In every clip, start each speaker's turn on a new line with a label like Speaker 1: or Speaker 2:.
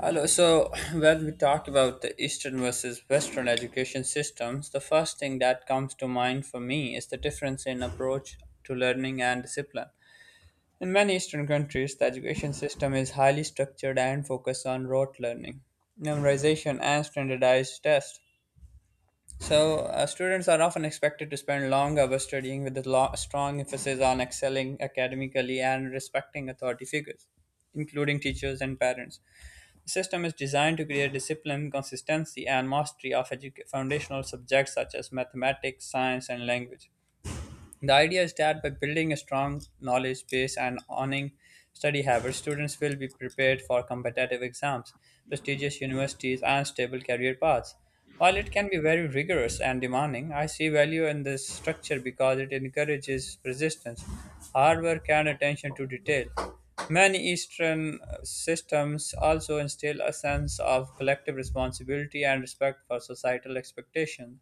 Speaker 1: Hello. So when we talk about the Eastern versus Western education systems, the first thing that comes to mind for me is the difference in approach to learning and discipline. In many Eastern countries, the education system is highly structured and focused on rote learning, memorization, and standardized tests. So students are often expected to spend long hours studying with strong emphasis on excelling academically and respecting authority figures, including teachers and parents. The system is designed to create discipline, consistency, and mastery of foundational subjects such as mathematics, science, and language. The idea is that by building a strong knowledge base and honing study habits, students will be prepared for competitive exams, prestigious universities, and stable career paths. While it can be very rigorous and demanding, I see value in this structure because it encourages persistence, hard work, and attention to detail. Many Eastern systems also instill a sense of collective responsibility and respect for societal expectations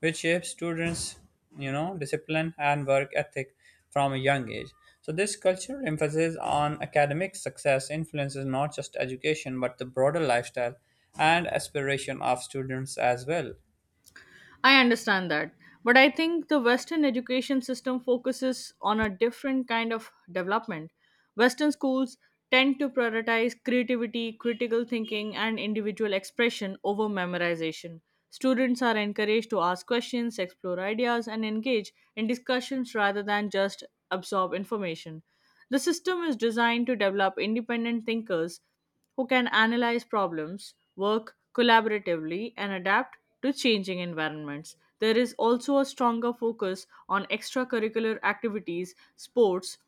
Speaker 1: which shapes students discipline and work ethic from a young age, so this cultural emphasis on academic success influences not just education but the broader lifestyle and aspiration of students as well.
Speaker 2: I understand that. But I think the Western education system focuses on a different kind of development. Western schools tend to prioritize creativity, critical thinking, and individual expression over memorization. Students are encouraged to ask questions, explore ideas, and engage in discussions rather than just absorb information. The system is designed to develop independent thinkers who can analyze problems, work collaboratively, and adapt to changing environments. There is also a stronger focus on extracurricular activities, sports,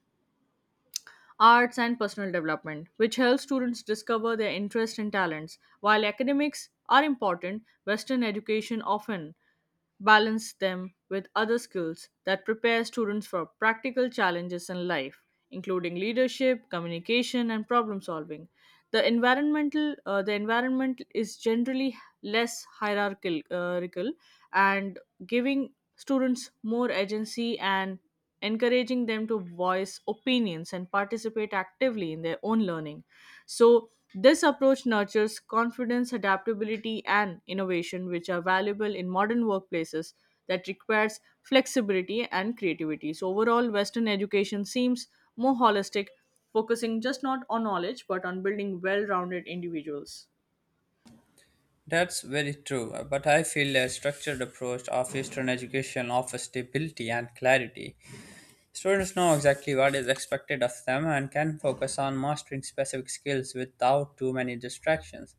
Speaker 2: arts, and personal development, which helps students discover their interests and talents. While academics are important, Western education often balance them with other skills that prepare students for practical challenges in life, including leadership, communication, and problem solving. The environment is generally less hierarchical and giving students more agency and encouraging them to voice opinions and participate actively in their own learning. So this approach nurtures confidence, adaptability, and innovation, which are valuable in modern workplaces that requires flexibility and creativity. So overall, Western education seems more holistic, focusing just not on knowledge but on building well-rounded individuals.
Speaker 1: That's very true, but I feel a structured approach of Eastern education offers stability and clarity. Students know exactly what is expected of them and can focus on mastering specific skills without too many distractions.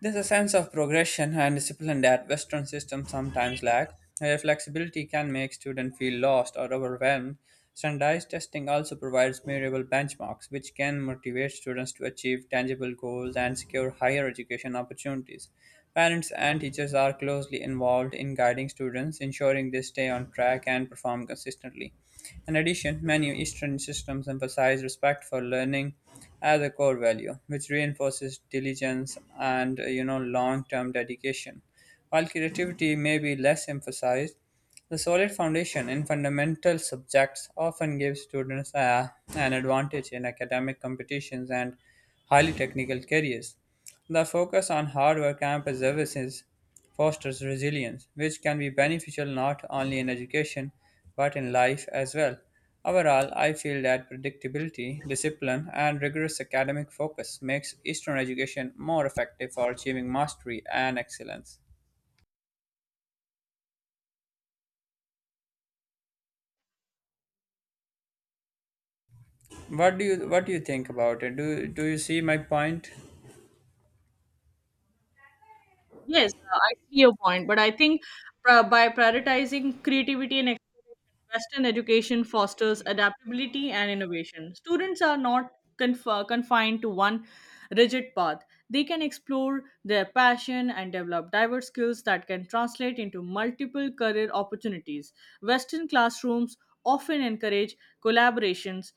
Speaker 1: There's a sense of progression and discipline that Western systems sometimes lack. Their flexibility can make students feel lost or overwhelmed. Standardized testing also provides measurable benchmarks, which can motivate students to achieve tangible goals and secure higher education opportunities. Parents and teachers are closely involved in guiding students, ensuring they stay on track and perform consistently. In addition, many Eastern systems emphasize respect for learning as a core value, which reinforces diligence and long-term dedication. While creativity may be less emphasized, the solid foundation in fundamental subjects often gives students an advantage in academic competitions and highly technical careers. The focus on hard work and perseverance fosters resilience, which can be beneficial not only in education but in life as well. Overall, I feel that predictability, discipline, and rigorous academic focus makes Eastern education more effective for achieving mastery and excellence. What do you think about it? Do you see my point?
Speaker 2: Yes, I see your point, but I think by prioritizing creativity and exploration, Western education fosters adaptability and innovation. Students are not confined to one rigid path. They can explore their passion and develop diverse skills that can translate into multiple career opportunities. Western classrooms often encourage collaborations,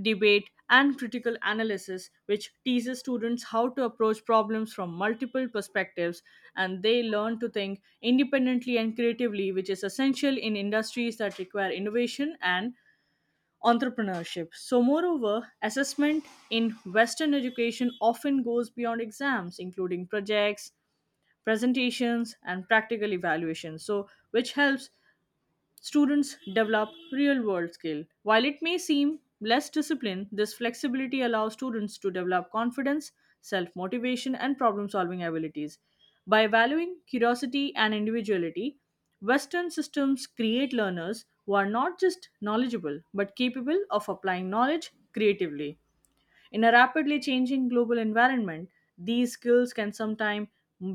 Speaker 2: debate, and critical analysis, which teaches students how to approach problems from multiple perspectives and they learn to think independently and creatively, which is essential in industries that require innovation and entrepreneurship. So, moreover, assessment in Western education often goes beyond exams, including projects, presentations, and practical evaluations. So, which helps students develop real world skill. While it may seem less discipline, this flexibility allows students to develop confidence, self motivation, and problem solving abilities. By valuing curiosity and individuality, Western systems create learners who are not just knowledgeable but capable of applying knowledge creatively. In a rapidly changing global environment, these skills can sometimes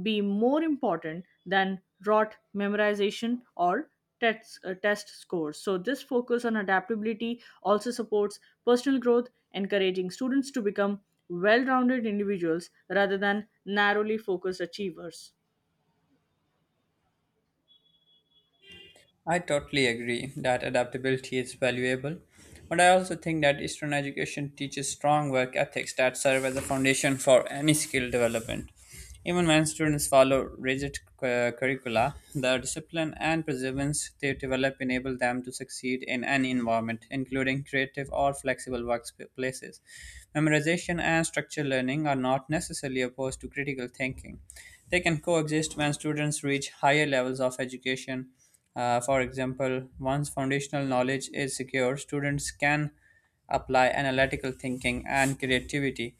Speaker 2: be more important than rote memorization or test scores. So, this focus on adaptability also supports personal growth, encouraging students to become well rounded individuals rather than narrowly focused achievers.
Speaker 1: I totally agree that adaptability is valuable, but I also think that Eastern education teaches strong work ethics that serve as a foundation for any skill development. Even when students follow rigid curricula, the discipline and perseverance they develop enable them to succeed in any environment, including creative or flexible workplaces. Memorization and structure learning are not necessarily opposed to critical thinking. They can coexist when students reach higher levels of education. For example, once foundational knowledge is secure, students can apply analytical thinking and creativity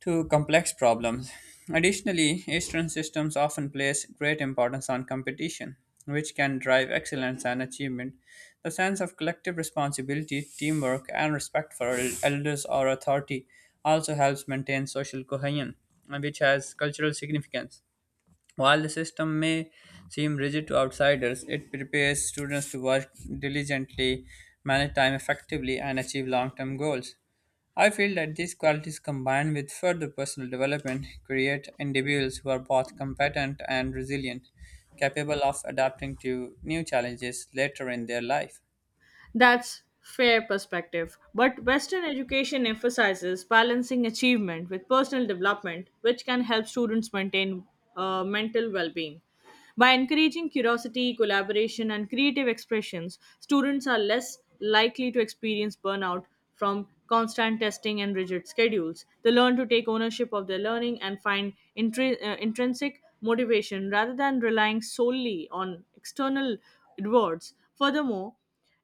Speaker 1: to complex problems. Additionally, Eastern systems often place great importance on competition, which can drive excellence and achievement. The sense of collective responsibility, teamwork, and respect for elders or authority also helps maintain social cohesion, which has cultural significance. While the system may seem rigid to outsiders, it prepares students to work diligently, manage time effectively, and achieve long term goals. I feel that these qualities combined with further personal development create individuals who are both competent and resilient, capable of adapting to new challenges later in their life.
Speaker 2: That's fair perspective. But Western education emphasizes balancing achievement with personal development, which can help students maintain mental well-being. By encouraging curiosity, collaboration, and creative expressions, students are less likely to experience burnout from constant testing and rigid schedules. They learn to take ownership of their learning and find intrinsic motivation rather than relying solely on external rewards. Furthermore,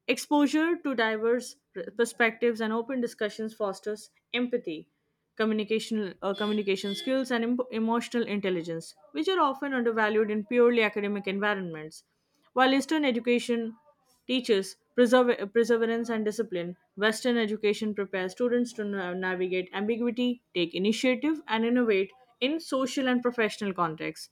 Speaker 2: exposure to diverse perspectives and open discussions fosters empathy, communication skills, and emotional intelligence, which are often undervalued in purely academic environments. While Eastern education teaches perseverance and discipline, Western education prepares students to navigate ambiguity, take initiative, and innovate in social and professional contexts.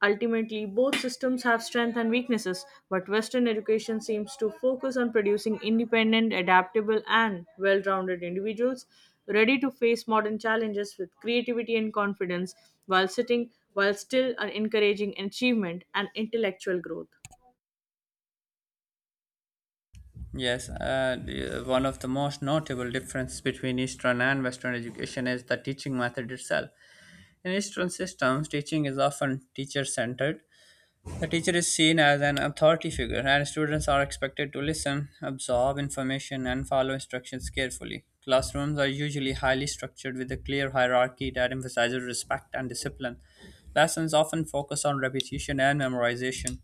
Speaker 2: Ultimately, both systems have strengths and weaknesses, but Western education seems to focus on producing independent, adaptable, and well rounded individuals ready to face modern challenges with creativity and confidence while sitting while still encouraging achievement and intellectual growth.
Speaker 1: Yes, one of the most notable differences between Eastern and Western education is the teaching method itself. In Eastern systems, teaching is often teacher centered. The teacher is seen as an authority figure, and students are expected to listen, absorb information, and follow instructions carefully. Classrooms are usually highly structured with a clear hierarchy that emphasizes respect and discipline. Lessons often focus on repetition and memorization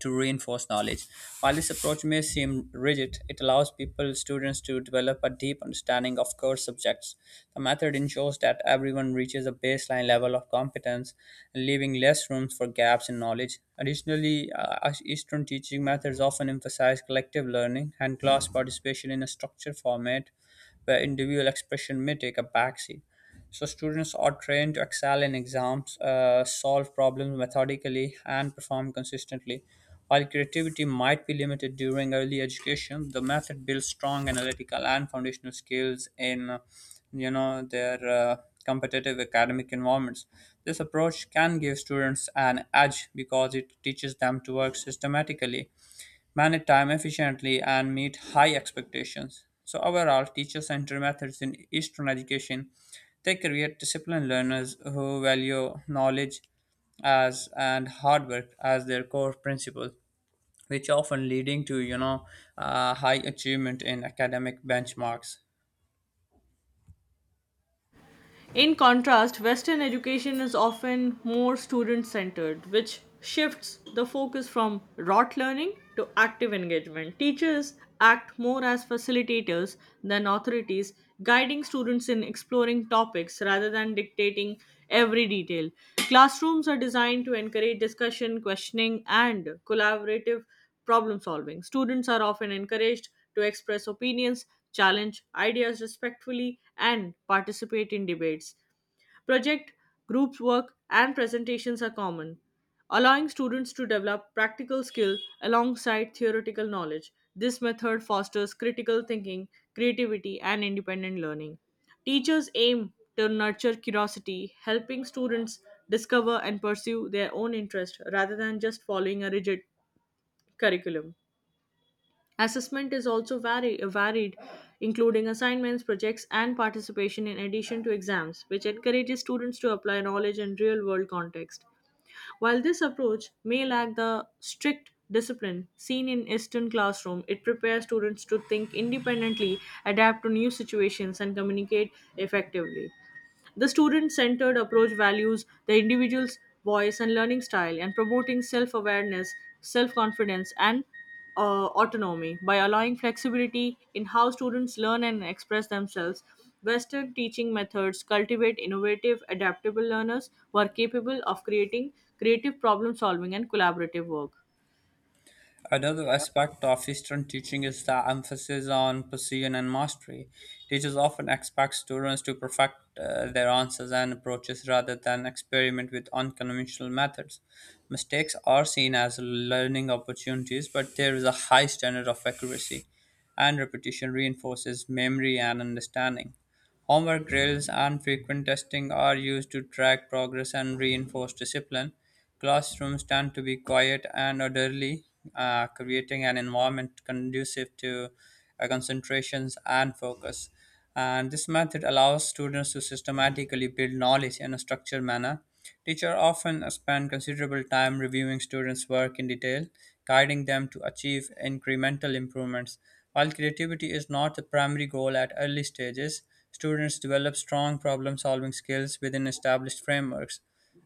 Speaker 1: to reinforce knowledge. While this approach may seem rigid, it allows people students to develop a deep understanding of core subjects. The method ensures that everyone reaches a baseline level of competence, leaving less room for gaps in knowledge. Additionally, Eastern teaching methods often emphasize collective learning and class participation in a structured format where individual expression may take a backseat. So students are trained to excel in exams, solve problems methodically, and perform consistently. While creativity might be limited during early education, the method builds strong analytical and foundational skills in you know, their competitive academic environments. This approach can give students an edge because it teaches them to work systematically, manage time efficiently, and meet high expectations. So overall, teacher-centered methods in Eastern education they create disciplined learners who value knowledge as and hard work as their core principles, which often leading to high achievement in academic benchmarks.
Speaker 2: In contrast, Western education is often more student centered, which shifts the focus from rote learning to active engagement. Teachers act more as facilitators than authorities, guiding students in exploring topics rather than dictating every detail. Classrooms are designed to encourage discussion, questioning, and collaborative problem solving. Students are often encouraged to express opinions, challenge ideas respectfully, and participate in debates. Project, group work, and presentations are common, allowing students to develop practical skill alongside theoretical knowledge. This method fosters critical thinking, creativity, and independent learning. Teachers aim to nurture curiosity, helping students discover and pursue their own interest rather than just following a rigid curriculum. Assessment is also varied, including assignments, projects, and participation in addition to exams, which encourages students to apply knowledge in real world context. While this approach may lack the strict discipline seen in Eastern classroom, it prepares students to think independently, adapt to new situations, and communicate effectively. The student centered approach values the individual's voice and learning style and promoting self awareness, self confidence, and autonomy by allowing flexibility in how students learn and express themselves. Western teaching methods cultivate innovative, adaptable learners who are capable of creating creative problem solving and collaborative work.
Speaker 1: Another aspect of Eastern teaching is the emphasis on precision and mastery. Teachers often expect students to perfect their answers and approaches rather than experiment with unconventional methods. Mistakes are seen as learning opportunities, but there is a high standard of accuracy, and repetition reinforces memory and understanding. Homework drills and frequent testing are used to track progress and reinforce discipline. Classrooms tend to be quiet and orderly, creating an environment conducive to concentrations and focus. And this method allows students to systematically build knowledge in a structured manner. Teachers often spend considerable time reviewing students' work in detail, guiding them to achieve incremental improvements. While creativity is not the primary goal at early stages, students develop strong problem solving skills within established frameworks.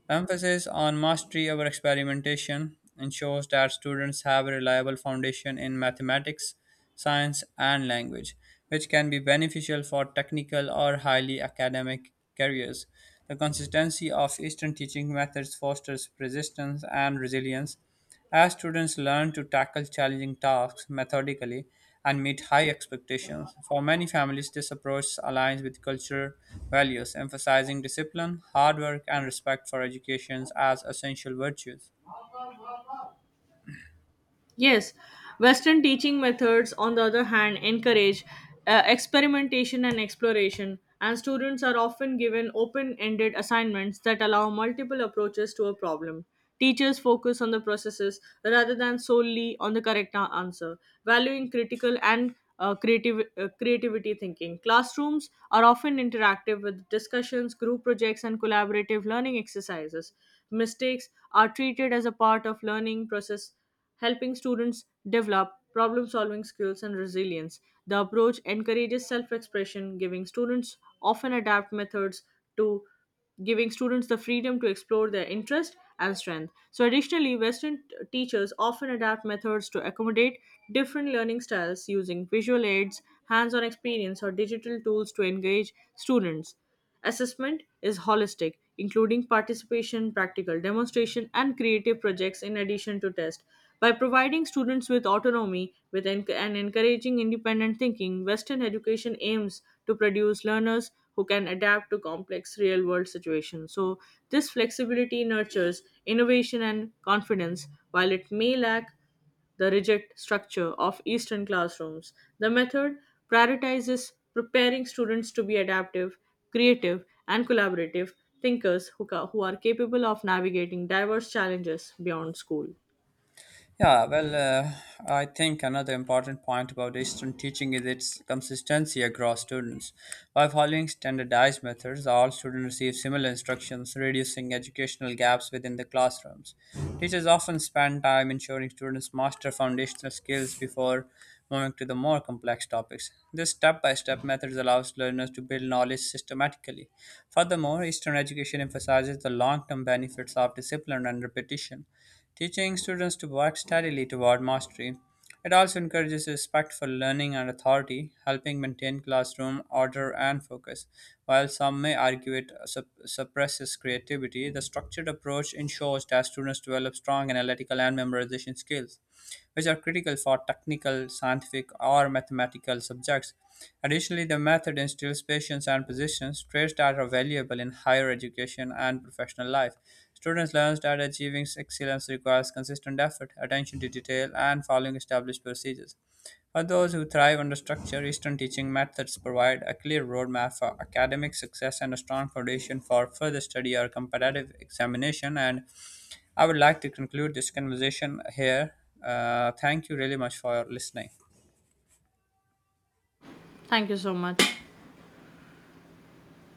Speaker 1: Emphasis on mastery over experimentation ensures that students have a reliable foundation in mathematics, science, and language, which can be beneficial for technical or highly academic careers. The consistency of Eastern teaching methods fosters persistence and resilience, as students learn to tackle challenging tasks methodically and meet high expectations. For many families, this approach aligns with cultural values, emphasizing discipline, hard work, and respect for education as essential virtues.
Speaker 2: Yes, Western teaching methods, on the other hand, encourage experimentation and exploration, and students are often given open ended assignments that allow multiple approaches to a problem. Teachers focus on the processes rather than solely on the correct answer, valuing critical and creative, creativity thinking. Classrooms are often interactive with discussions, group projects, and collaborative learning exercises. Mistakes are treated as a part of learning process helping students develop problem solving skills and resilience. The approach encourages self expression, giving students often adapt methods to giving students the freedom to explore their interest and strength. So, additionally, Western teachers often adapt methods to accommodate different learning styles using visual aids, hands on experience, or digital tools to engage students. Assessment is holistic, including participation, practical demonstration, and creative projects in addition to tests. By providing students with autonomy with and encouraging independent thinking, Western education aims to produce learners who can adapt to complex real world situations. So, this flexibility nurtures innovation and confidence, while it may lack the rigid structure of Eastern classrooms. The method prioritizes preparing students to be adaptive, creative, and collaborative thinkers who, who are capable of navigating diverse challenges beyond school.
Speaker 1: Yeah, well, I think another important point about Eastern teaching is its consistency across students. By following standardized methods, all students receive similar instructions, reducing educational gaps within the classrooms. Teachers often spend time ensuring students master foundational skills before moving to the more complex topics. This step by step method allows learners to build knowledge systematically. Furthermore, Eastern education emphasizes the long term benefits of discipline and repetition, teaching students to work steadily toward mastery. It also encourages respectful learning and authority, helping maintain classroom order and focus. While some may argue it suppresses creativity, the structured approach ensures that students develop strong analytical and memorization skills, which are critical for technical, scientific, or mathematical subjects. Additionally, the method instills patience and persistence, traits that are valuable in higher education and professional life. Students learn that achieving excellence requires consistent effort, attention to detail, and following established procedures. For those who thrive under structure, Eastern teaching methods provide a clear roadmap for academic success and a strong foundation for further study or competitive examination. And I would like to conclude this conversation here. Thank you really much for listening.
Speaker 2: Thank you so much.